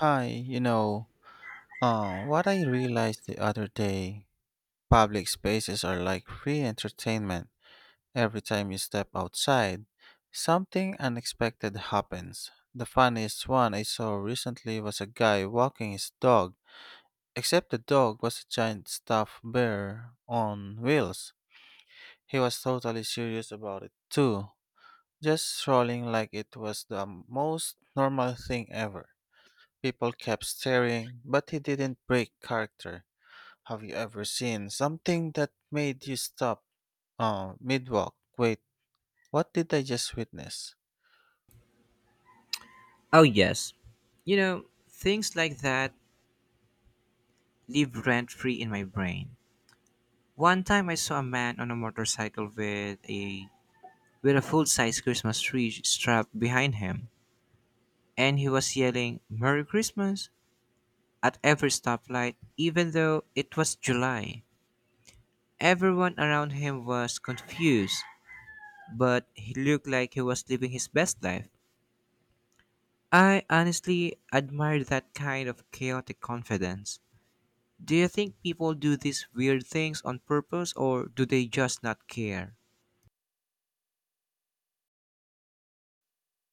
Hi, what I realized the other day, public spaces are like free entertainment. Every time you step outside, something unexpected happens. The funniest one I saw recently was a guy walking his dog, except the dog was a giant stuffed bear on wheels. He was totally serious about it too, just strolling like it was the most normal thing ever. People kept staring, but he didn't break character. Have you ever seen something that made you stop mid walk? Wait, what did I just witness? Oh, yes. You know, things like that live rent free in my brain. One time I saw a man on a motorcycle with a full size Christmas tree strapped behind him, and he was yelling Merry Christmas at every stoplight, even though it was July. Everyone around him was confused, but he looked like he was living his best life. I honestly admired that kind of chaotic confidence. Do you think people do these weird things on purpose, or do they just not care?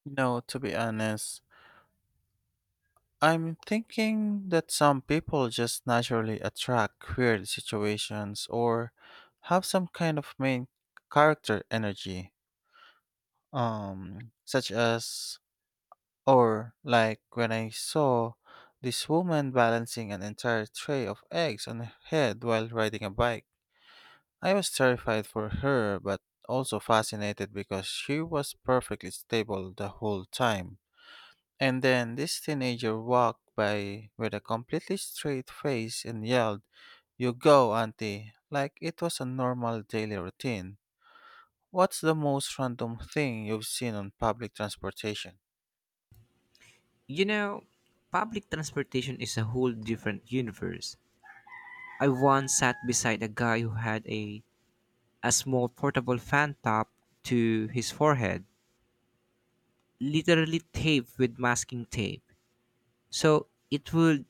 No, to be honest, I'm thinking that some people just naturally attract weird situations or have some kind of main character energy, um, such as like when I saw this woman balancing an entire tray of eggs on her head while riding a bike. I was terrified for her, but also fascinated because she was perfectly stable the whole time. And then this teenager walked by with a completely straight face and yelled, "You go, auntie," like it was a normal daily routine. What's the most random thing you've seen on public transportation? You know, public transportation is a whole different universe. I once sat beside a guy who had a small portable fan top to his forehead, literally taped with masking tape. So it would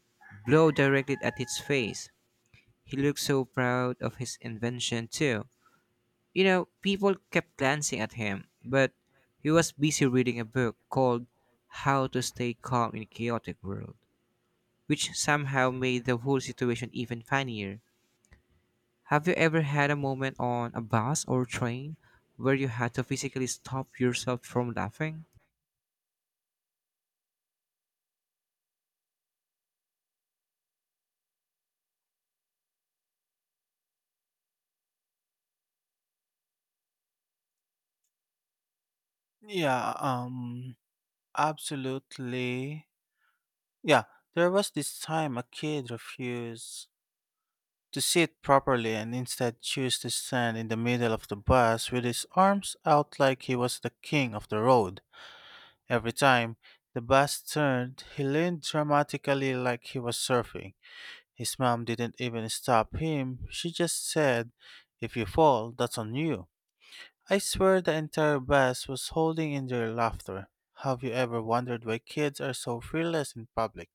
blow directly at his face. He looked so proud of his invention too. You know, people kept glancing at him, but he was busy reading a book called How to Stay Calm in a Chaotic World, which somehow made the whole situation even funnier. Have you ever had a moment on a bus or train where you had to physically stop yourself from laughing? Yeah, absolutely. Yeah, there was this time a kid refused to sit properly and instead chose to stand in the middle of the bus with his arms out like he was the king of the road. Every time the bus turned, he leaned dramatically like he was surfing. His mom didn't even stop him. She just said, "If you fall, that's on you." I swear the entire bus was holding in their laughter. Have you ever wondered why kids are so fearless in public?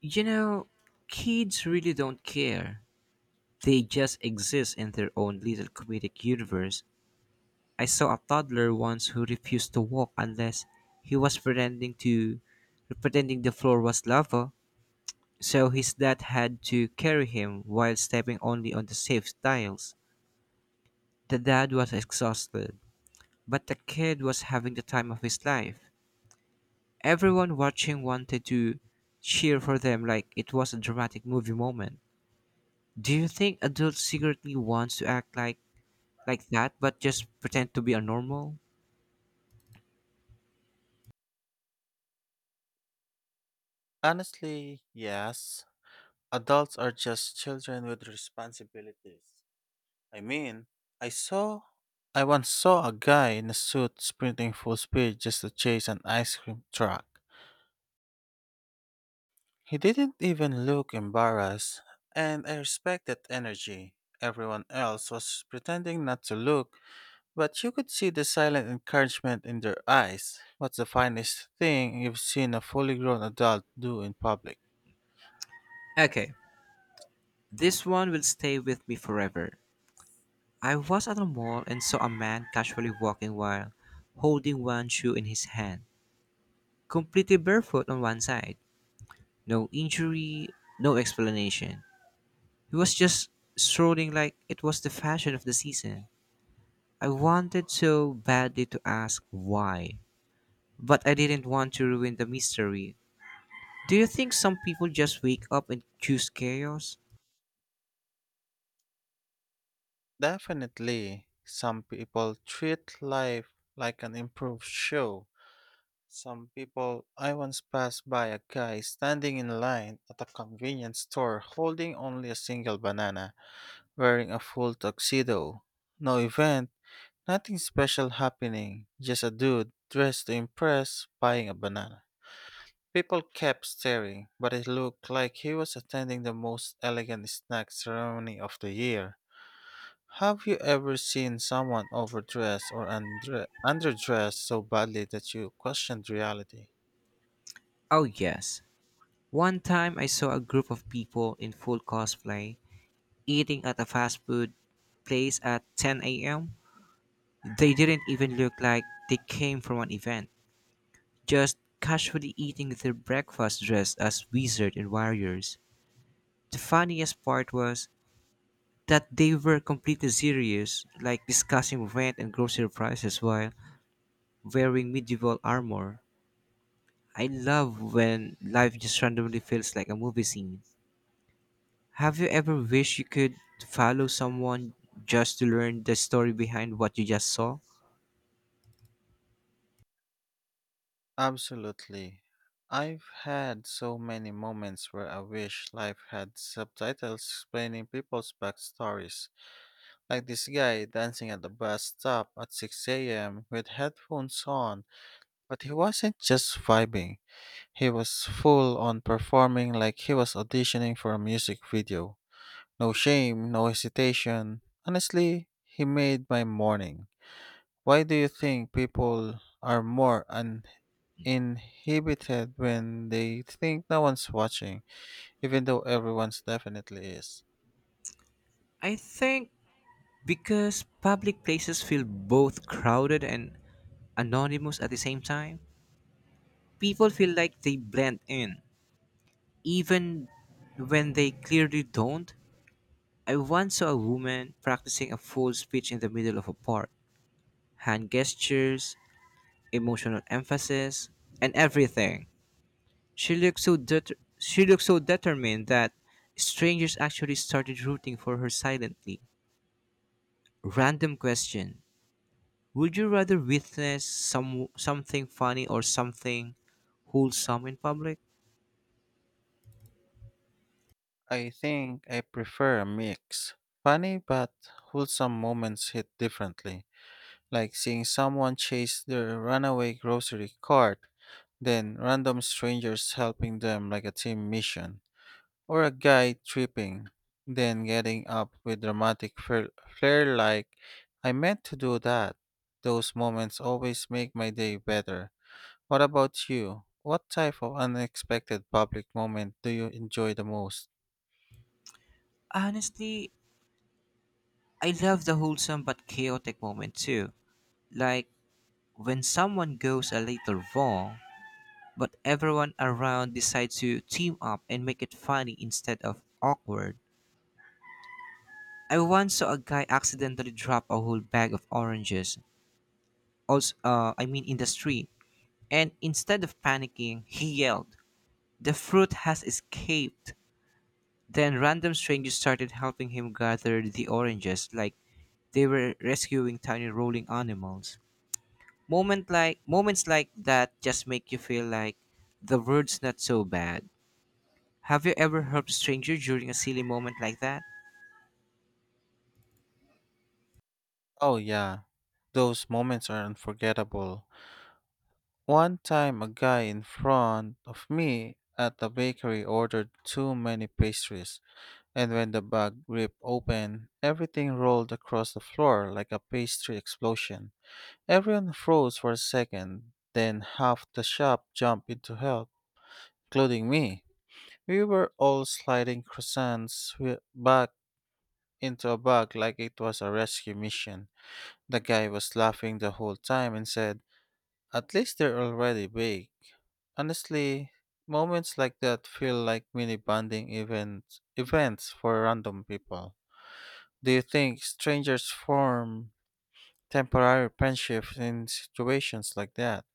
You know, kids really don't care. They just exist in their own little comedic universe. I saw a toddler once who refused to walk unless he was pretending the floor was lava, so his dad had to carry him while stepping only on the safe tiles. The dad was exhausted, but the kid was having the time of his life. Everyone watching wanted to cheer for them like it was a dramatic movie moment. Do you think adults secretly wants to act like that, but just pretend to be a normal? Honestly, yes. Adults are just children with responsibilities. I mean, I saw I once saw a guy in a suit sprinting full speed just to chase an ice cream truck. He didn't even look embarrassed, and I respect that energy. Everyone else was pretending not to look, but you could see the silent encouragement in their eyes. What's the finest thing you've seen a fully grown adult do in public? Okay, this one will stay with me forever. I was at a mall and saw a man casually walking while holding one shoe in his hand, completely barefoot on one side. No injury, no explanation. He was just strolling like it was the fashion of the season. I wanted so badly to ask why, but I didn't want to ruin the mystery. Do you think some people just wake up and choose chaos? Definitely, some people treat life like an improved show. Some people, I once passed by a guy standing in line at a convenience store holding only a single banana, wearing a full tuxedo. No event, nothing special happening, just a dude dressed to impress buying a banana. People kept staring, but it looked like he was attending the most elegant snack ceremony of the year. Have you ever seen someone overdress or underdress so badly that you questioned reality? Oh, yes. One time I saw a group of people in full cosplay eating at a fast food place at 10 a.m. They didn't even look like they came from an event, just casually eating their breakfast dressed as wizards and warriors. The funniest part was that they were completely serious, like discussing rent and grocery prices while wearing medieval armor. I love when life just randomly feels like a movie scene. Have you ever wished you could follow someone just to learn the story behind what you just saw? Absolutely. I've had so many moments where I wish life had subtitles explaining people's backstories. Like this guy dancing at the bus stop at 6 a.m. with headphones on, but he wasn't just vibing, he was full on performing like he was auditioning for a music video. No shame, no hesitation. Honestly, he made my morning. Why do you think people are more inhibited when they think no one's watching, even though everyone's definitely is? I think because public places feel both crowded and anonymous at the same time, people feel like they blend in, even when they clearly don't. I once saw a woman practicing a full speech in the middle of a park — hand gestures, emotional emphasis, and everything. She looked so det- she looked so determined that strangers actually started rooting for her silently. Random question: would you rather witness something funny or something wholesome in public? I think I prefer a mix. Funny but wholesome moments hit differently, like seeing someone chase their runaway grocery cart, then random strangers helping them like a team mission. Or a guy tripping, then getting up with dramatic flair like, "I meant to do that." Those moments always make my day better. What about you? What type of unexpected public moment do you enjoy the most? Honestly, I love the wholesome but chaotic moment too. Like when someone goes a little wrong, but everyone around decides to team up and make it funny instead of awkward. I once saw a guy accidentally drop a whole bag of oranges. Also, I mean in the street, and instead of panicking, he yelled, "The fruit has escaped!" Then random strangers started helping him gather the oranges like they were rescuing tiny rolling animals. Moments like that just make you feel like the world's not so bad. Have you ever helped a stranger during a silly moment like that? Oh, yeah, those moments are unforgettable. One time, a guy in front of me at the bakery ordered too many pastries. And when the bag ripped open, everything rolled across the floor like a pastry explosion. Everyone froze for a second, then half the shop jumped into help, including me. We were all sliding croissants back into a bag like it was a rescue mission. The guy was laughing the whole time and said, "At least they're already baked." Honestly, moments like that feel like mini bonding events, events for random people. Do you think strangers form temporary friendships in situations like that?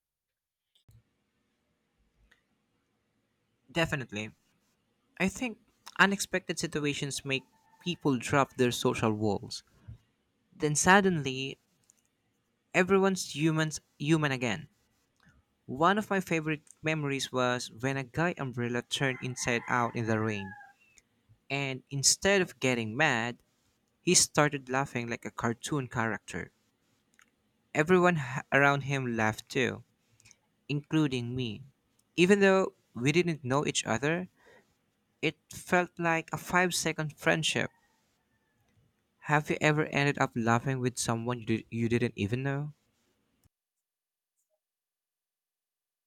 Definitely. I think unexpected situations make people drop their social walls. Then suddenly, everyone's humans human again. One of my favorite memories was when a guy umbrella turned inside out in the rain. And instead of getting mad, he started laughing like a cartoon character. Around him laughed too, including me. Even though we didn't know each other, it felt like a 5 second friendship. Have you ever ended up laughing with someone you didn't even know?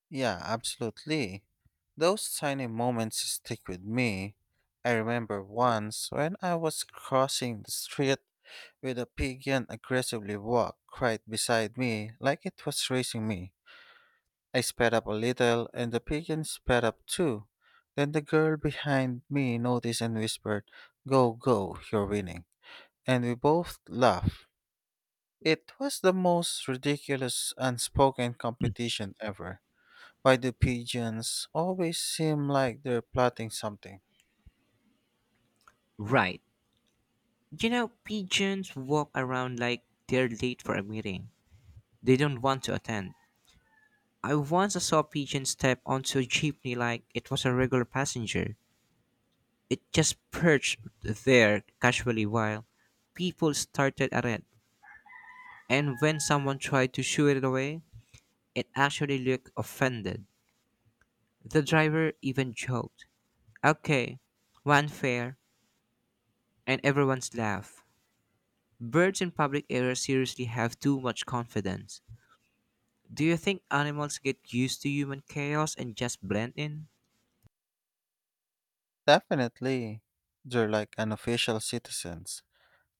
Yeah, absolutely. Those tiny moments stick with me. I remember once when I was crossing the street with a pigeon aggressively walked right beside me like it was racing me. I sped up a little and the pigeon sped up too. Then the girl behind me noticed and whispered, "Go, go, you're winning." And we both laughed. It was the most ridiculous unspoken competition ever. Why do pigeons always seem like they're plotting something? Right. You know, pigeons walk around like they're late for a meeting. They don't want to attend. I once saw a pigeon step onto a jeepney like it was a regular passenger. It just perched there casually while people started at it. And when someone tried to shoo it away, it actually looked offended. The driver even joked, "Okay, one fare," and everyone's laugh. Birds in public areas seriously have too much confidence. Do you think animals get used to human chaos and just blend in? Definitely, they're like unofficial citizens.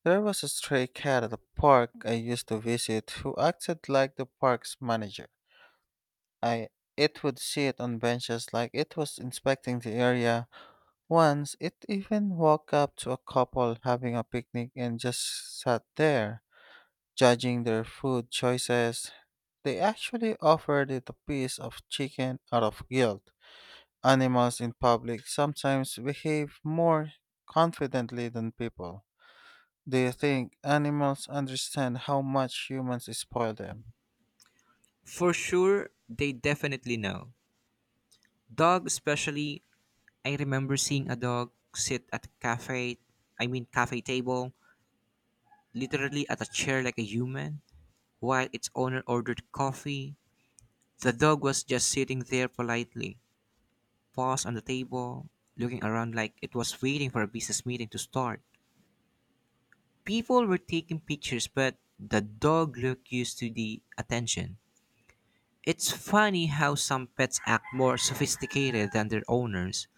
There was a stray cat at the park I used to visit who acted like the park's manager. I It would sit on benches like it was inspecting the area. Once it even walked up to a couple having a picnic and just sat there. Judging their food choices, they actually offered it a piece of chicken out of guilt. Animals in public sometimes behave more confidently than people. Do you think animals understand how much humans spoil them? For sure, they definitely know. Dogs, especially. I remember seeing a dog sit at a cafe, I mean cafe table, literally at a chair like a human, while its owner ordered coffee. The dog was just sitting there politely, paws on the table, looking around like it was waiting for a business meeting to start. People were taking pictures, but the dog looked used to the attention. It's funny how some pets act more sophisticated than their owners.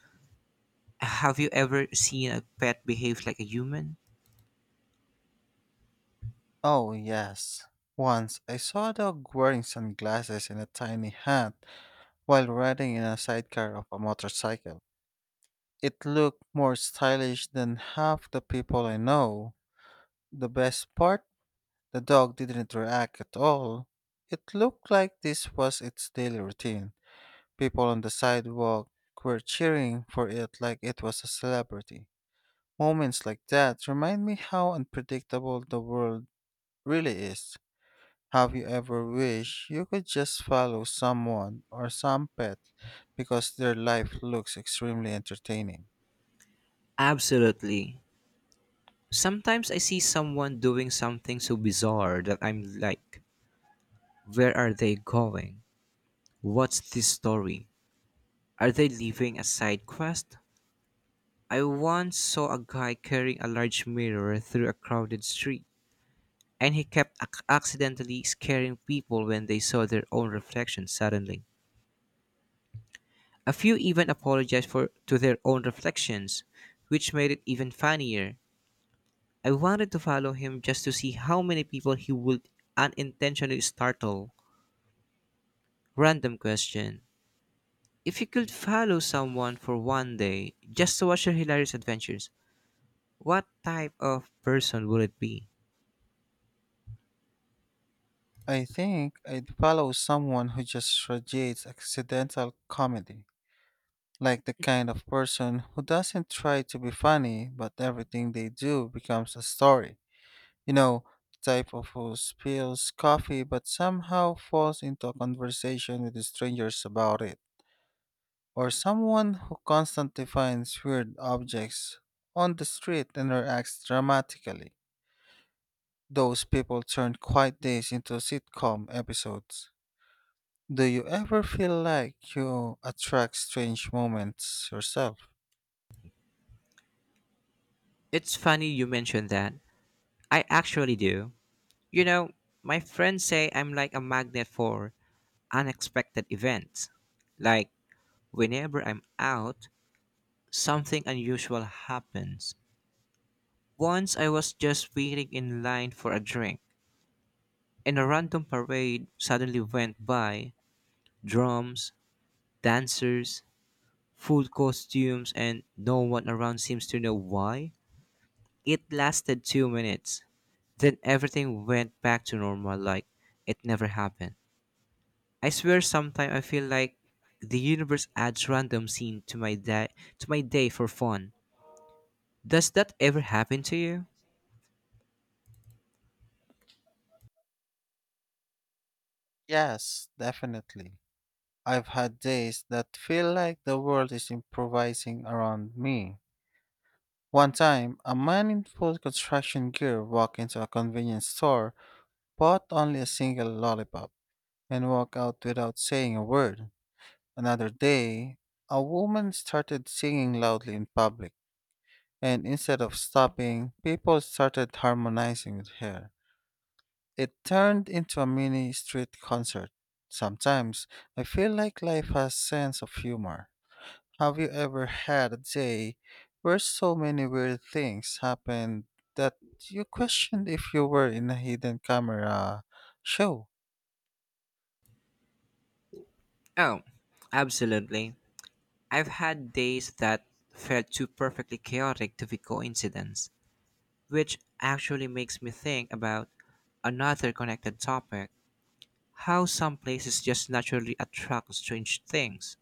Have you ever seen a pet behave like a human? Oh, yes. Once I saw a dog wearing sunglasses in a tiny hat while riding in a sidecar of a motorcycle. It looked more stylish than half the people I know. The best part, the dog didn't react at all. It looked like this was its daily routine. People on the sidewalk were cheering for it like it was a celebrity. Moments like that remind me how unpredictable the world really is. Have you ever wished you could just follow someone or some pet because their life looks extremely entertaining? Absolutely. Sometimes I see someone doing something so bizarre that I'm like, where are they going? What's this story? Are they leaving a side quest? I once saw a guy carrying a large mirror through a crowded street, and he kept accidentally scaring people when they saw their own reflection suddenly. A few even apologized for to their own reflections, which made it even funnier. I wanted to follow him just to see how many people he would unintentionally startle. Random question: if you could follow someone for one day just to watch their hilarious adventures, what type of person would it be? I think I'd follow someone who just radiates accidental comedy. Like the kind of person who doesn't try to be funny, but everything they do becomes a story. You know, the type of who spills coffee but somehow falls into a conversation with strangers about it. Or someone who constantly finds weird objects on the street and reacts dramatically. Those people turn quiet days into sitcom episodes. Do you ever feel like you attract strange moments yourself? It's funny you mentioned that. I actually do. You know, my friends say I'm like a magnet for unexpected events. Like, whenever I'm out, something unusual happens. Once I was just waiting in line for a drink, and a random parade suddenly went by — drums, dancers, full costumes, and no one around seems to know why. It lasted 2 minutes. Then everything went back to normal, like it never happened. I swear, sometimes I feel like the universe adds random scene to my day for fun. Does that ever happen to you? Yes, definitely. I've had days that feel like the world is improvising around me. One time, a man in full construction gear walked into a convenience store, bought only a single lollipop, and walked out without saying a word. Another day, a woman started singing loudly in public, and instead of stopping, people started harmonizing with her. It turned into a mini street concert. Sometimes, I feel like life has sense of humor. Have you ever had a day where so many weird things happened that you questioned if you were in a hidden camera show? Oh, absolutely. I've had days that felt too perfectly chaotic to be coincidence, which actually makes me think about another connected topic: how some places just naturally attract strange things,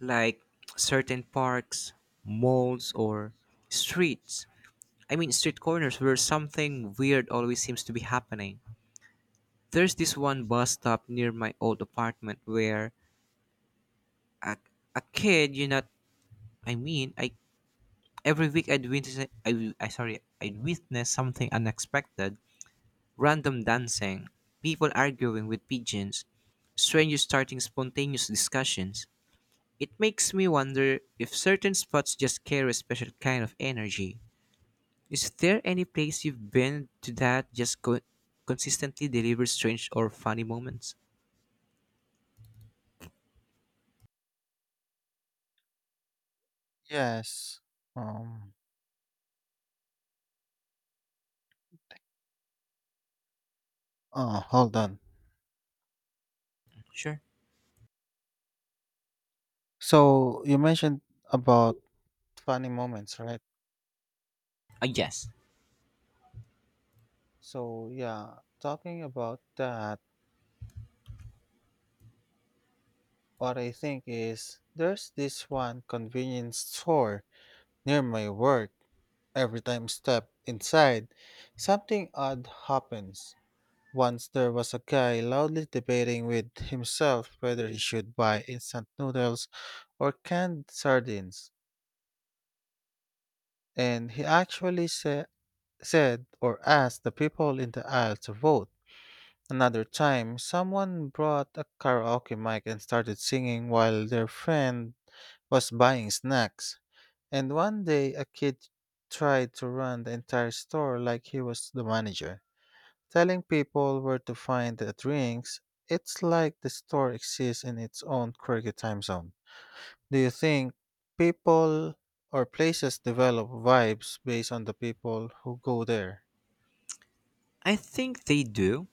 like certain parks, malls, or streets. I mean, street corners where something weird always seems to be happening. There's this one bus stop near my old apartment where a, a kid, you know, I mean, I every week I'd witness, I sorry, I'd witness something unexpected — random dancing, people arguing with pigeons, strangers starting spontaneous discussions. It makes me wonder if certain spots just carry a special kind of energy. Is there any place you've been to that just consistently delivers strange or funny moments? Yes. Um. Oh, hold on. Sure. So you mentioned about funny moments, right? Yes. So yeah, talking about that, what I think is there's this one convenience store near my work. Every time step inside, something odd happens. Once there was a guy loudly debating with himself whether he should buy instant noodles or canned sardines, and he actually said or asked the people in the aisle to vote. Another time, someone brought a karaoke mic and started singing while their friend was buying snacks. And one day, a kid tried to run the entire store like he was the manager. Telling people where to find the drinks, it's like the store exists in its own quirky time zone. Do you think people or places develop vibes based on the people who go there? I think they do.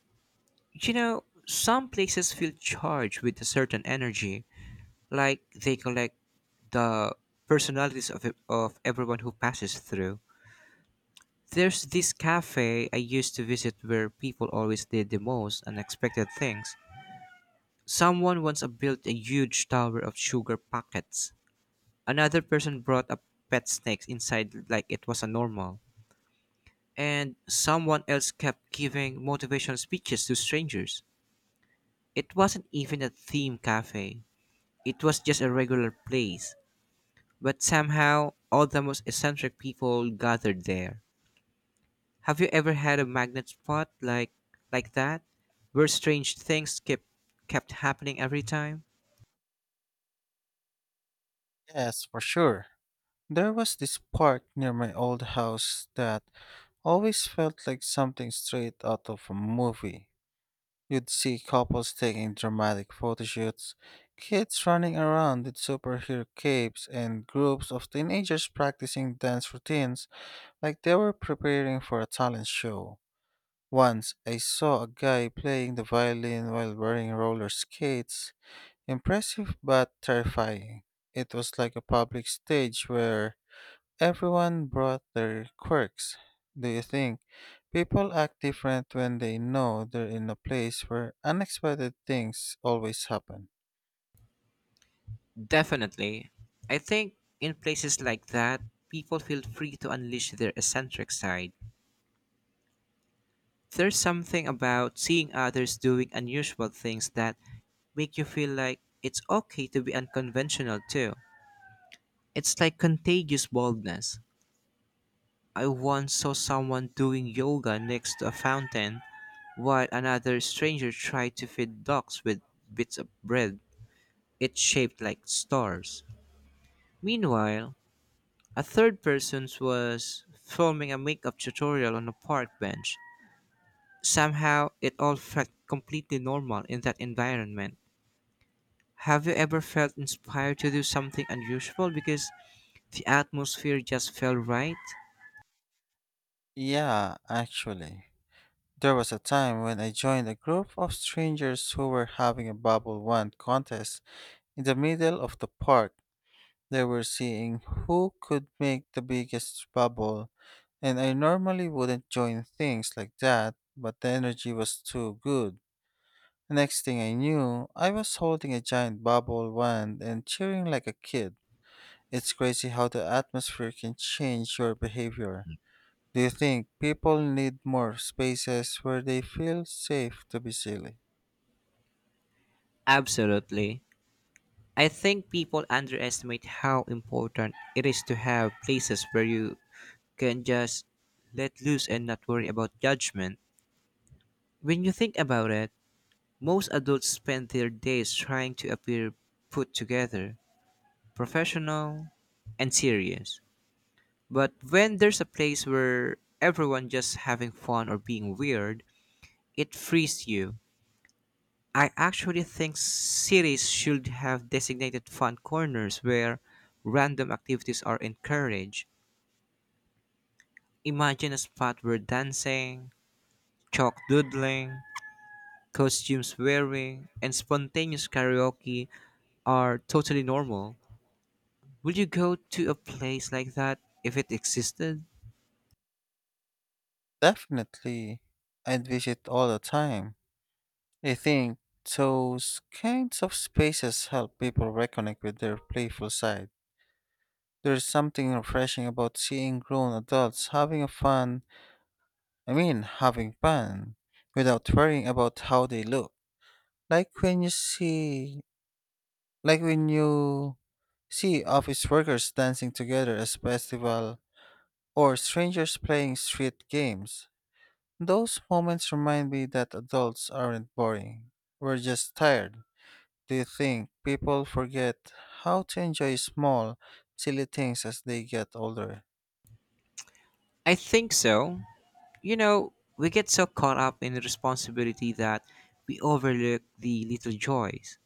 You know, some places feel charged with a certain energy, like they collect the personalities of, of everyone who passes through. There's this cafe I used to visit where people always did the most unexpected things. Someone once built a huge tower of sugar packets. Another person brought a pet snake inside like it was a normal. And someone else kept giving motivational speeches to strangers. It wasn't even a theme cafe. It was just a regular place. But somehow, all the most eccentric people gathered there. Have you ever had a magnet spot like that, where strange things kept happening every time? Yes, for sure. There was this park near my old house that always felt like something straight out of a movie. You'd see couples taking dramatic photo shoots, kids running around with superhero capes, and groups of teenagers practicing dance routines like they were preparing for a talent show. Once I saw a guy playing the violin while wearing roller skates. Impressive but terrifying. It was like a public stage where everyone brought their quirks. Do you think people act different when they know they're in a place where unexpected things always happen? Definitely. I think in places like that, people feel free to unleash their eccentric side. There's something about seeing others doing unusual things that make you feel like it's okay to be unconventional too. It's like contagious boldness. I once saw someone doing yoga next to a fountain while another stranger tried to feed dogs with bits of bread. It's shaped like stars. Meanwhile, a third person was filming a makeup tutorial on a park bench. Somehow, it all felt completely normal in that environment. Have you ever felt inspired to do something unusual because the atmosphere just felt right? Yeah, actually. There was a time when I joined a group of strangers who were having a bubble wand contest in the middle of the park. They were seeing who could make the biggest bubble, and I normally wouldn't join things like that, but the energy was too good. Next thing I knew, I was holding a giant bubble wand and cheering like a kid. It's crazy how the atmosphere can change your behavior. Do you think people need more spaces where they feel safe to be silly? Absolutely. I think people underestimate how important it is to have places where you can just let loose and not worry about judgment. When you think about it, most adults spend their days trying to appear put together, professional, and serious. But when there's a place where everyone just having fun or being weird, it frees you. I actually think cities should have designated fun corners where random activities are encouraged. Imagine a spot where dancing, chalk doodling, costumes wearing, and spontaneous karaoke are totally normal. Would you go to a place like that if it existed? Definitely. I'd visit all the time. I think those kinds of spaces help people reconnect with their playful side. There's something refreshing about seeing grown adults having a fun I mean, having fun without worrying about how they look. Like when you see, like when you see office workers dancing together as festival or strangers playing street games. Those moments remind me that adults aren't boring. We're just tired. Do you think people forget how to enjoy small, silly things as they get older? I think so. You know, we get so caught up in responsibility that we overlook the little joys.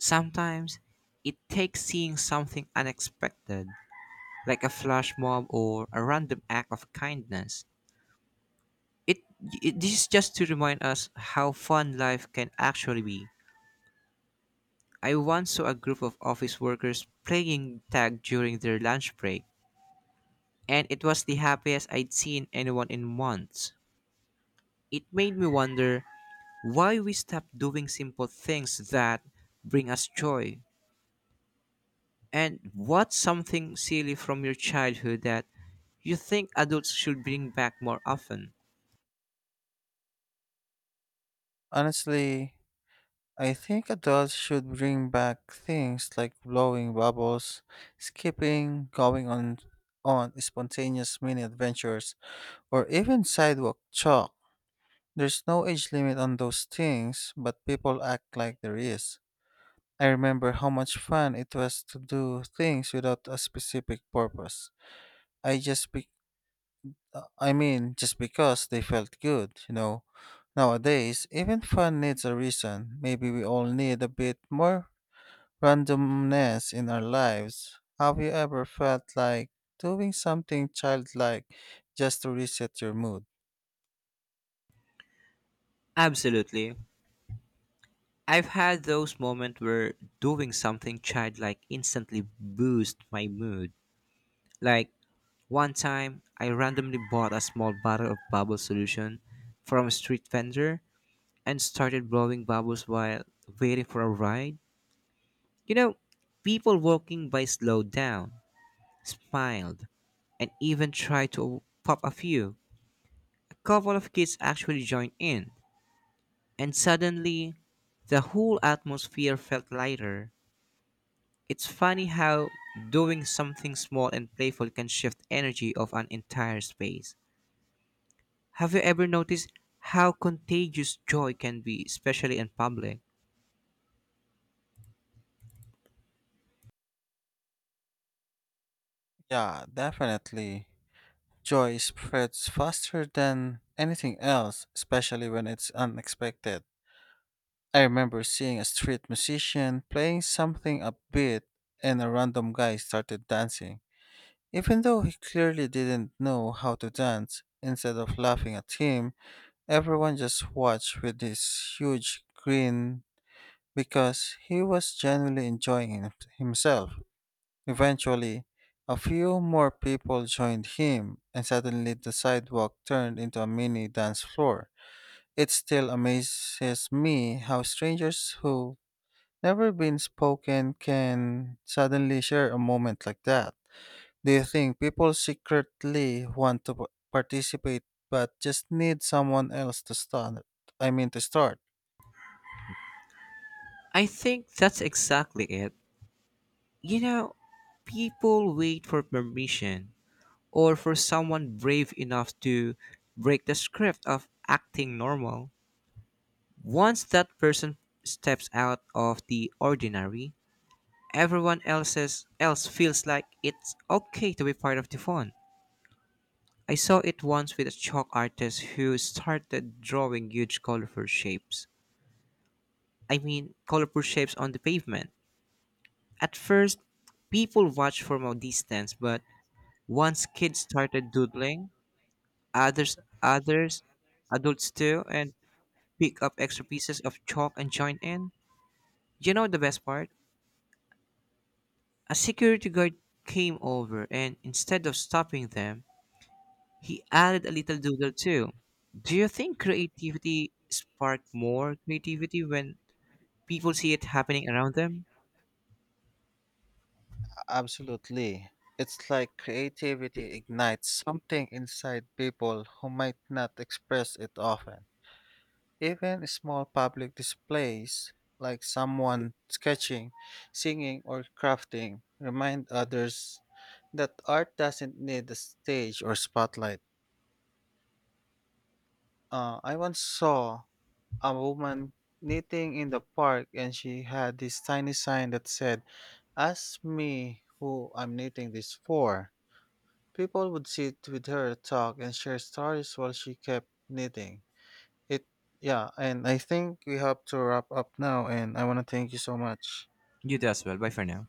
Sometimes it takes seeing something unexpected, like a flash mob or a random act of kindness. It, it this is just to remind us how fun life can actually be. I once saw a group of office workers playing tag during their lunch break, and it was the happiest I'd seen anyone in months. It made me wonder why we stop doing simple things that bring us joy, and what's something silly from your childhood that you think adults should bring back more often. Honestly, I think adults should bring back things like blowing bubbles, skipping, going on spontaneous mini adventures, or even sidewalk chalk. There's no age limit on those things, but people act like there is. I remember how much fun it was to do things without a specific purpose. I just be I mean, just because they felt good, you know. Nowadays, even fun needs a reason. Maybe we all need a bit more randomness in our lives. Have you ever felt like doing something childlike just to reset your mood? Absolutely. I've had those moments where doing something childlike instantly boosts my mood. Like one time, I randomly bought a small bottle of bubble solution from a street vendor and started blowing bubbles while waiting for a ride. You know, people walking by slowed down, smiled, and even tried to pop a few. A couple of kids actually joined in, and suddenly the whole atmosphere felt lighter. It's funny how doing something small and playful can shift energy of an entire space. Have you ever noticed how contagious joy can be, especially in public? Yeah, definitely. Joy spreads faster than anything else, especially when it's unexpected. I remember seeing a street musician playing something upbeat and a random guy started dancing. Even though he clearly didn't know how to dance, instead of laughing at him, everyone just watched with this huge grin because he was genuinely enjoying himself. Eventually, a few more people joined him, and suddenly the sidewalk turned into a mini dance floor. It still amazes me how strangers who never been spoken can suddenly share a moment like that. Do you think people secretly want to participate but just need someone else to start? I mean to start. I think that's exactly it. You know, people wait for permission, or for someone brave enough to break the script of acting normal. Once that person steps out of the ordinary, everyone else's else feels like it's okay to be part of the fun. I saw it once with a chalk artist who started drawing huge colorful shapes. I mean, colorful shapes on the pavement. At first, people watched from a distance, but once kids started doodling, others, others, adults too, and pick up extra pieces of chalk and join in. You know the best part? A security guard came over, and instead of stopping them, he added a little doodle too. Do you think creativity sparked more creativity when people see it happening around them? Absolutely. It's like creativity ignites something inside people who might not express it often. Even small public displays, like someone sketching, singing, or crafting, remind others that art doesn't need a stage or spotlight. I once saw a woman knitting in the park and she had this tiny sign that said, "Ask me who I'm knitting this for." People would sit with her, talk, and share stories while she kept knitting. It, yeah, and I think we have to wrap up now, and I want to thank you so much. You do as well. Bye for now.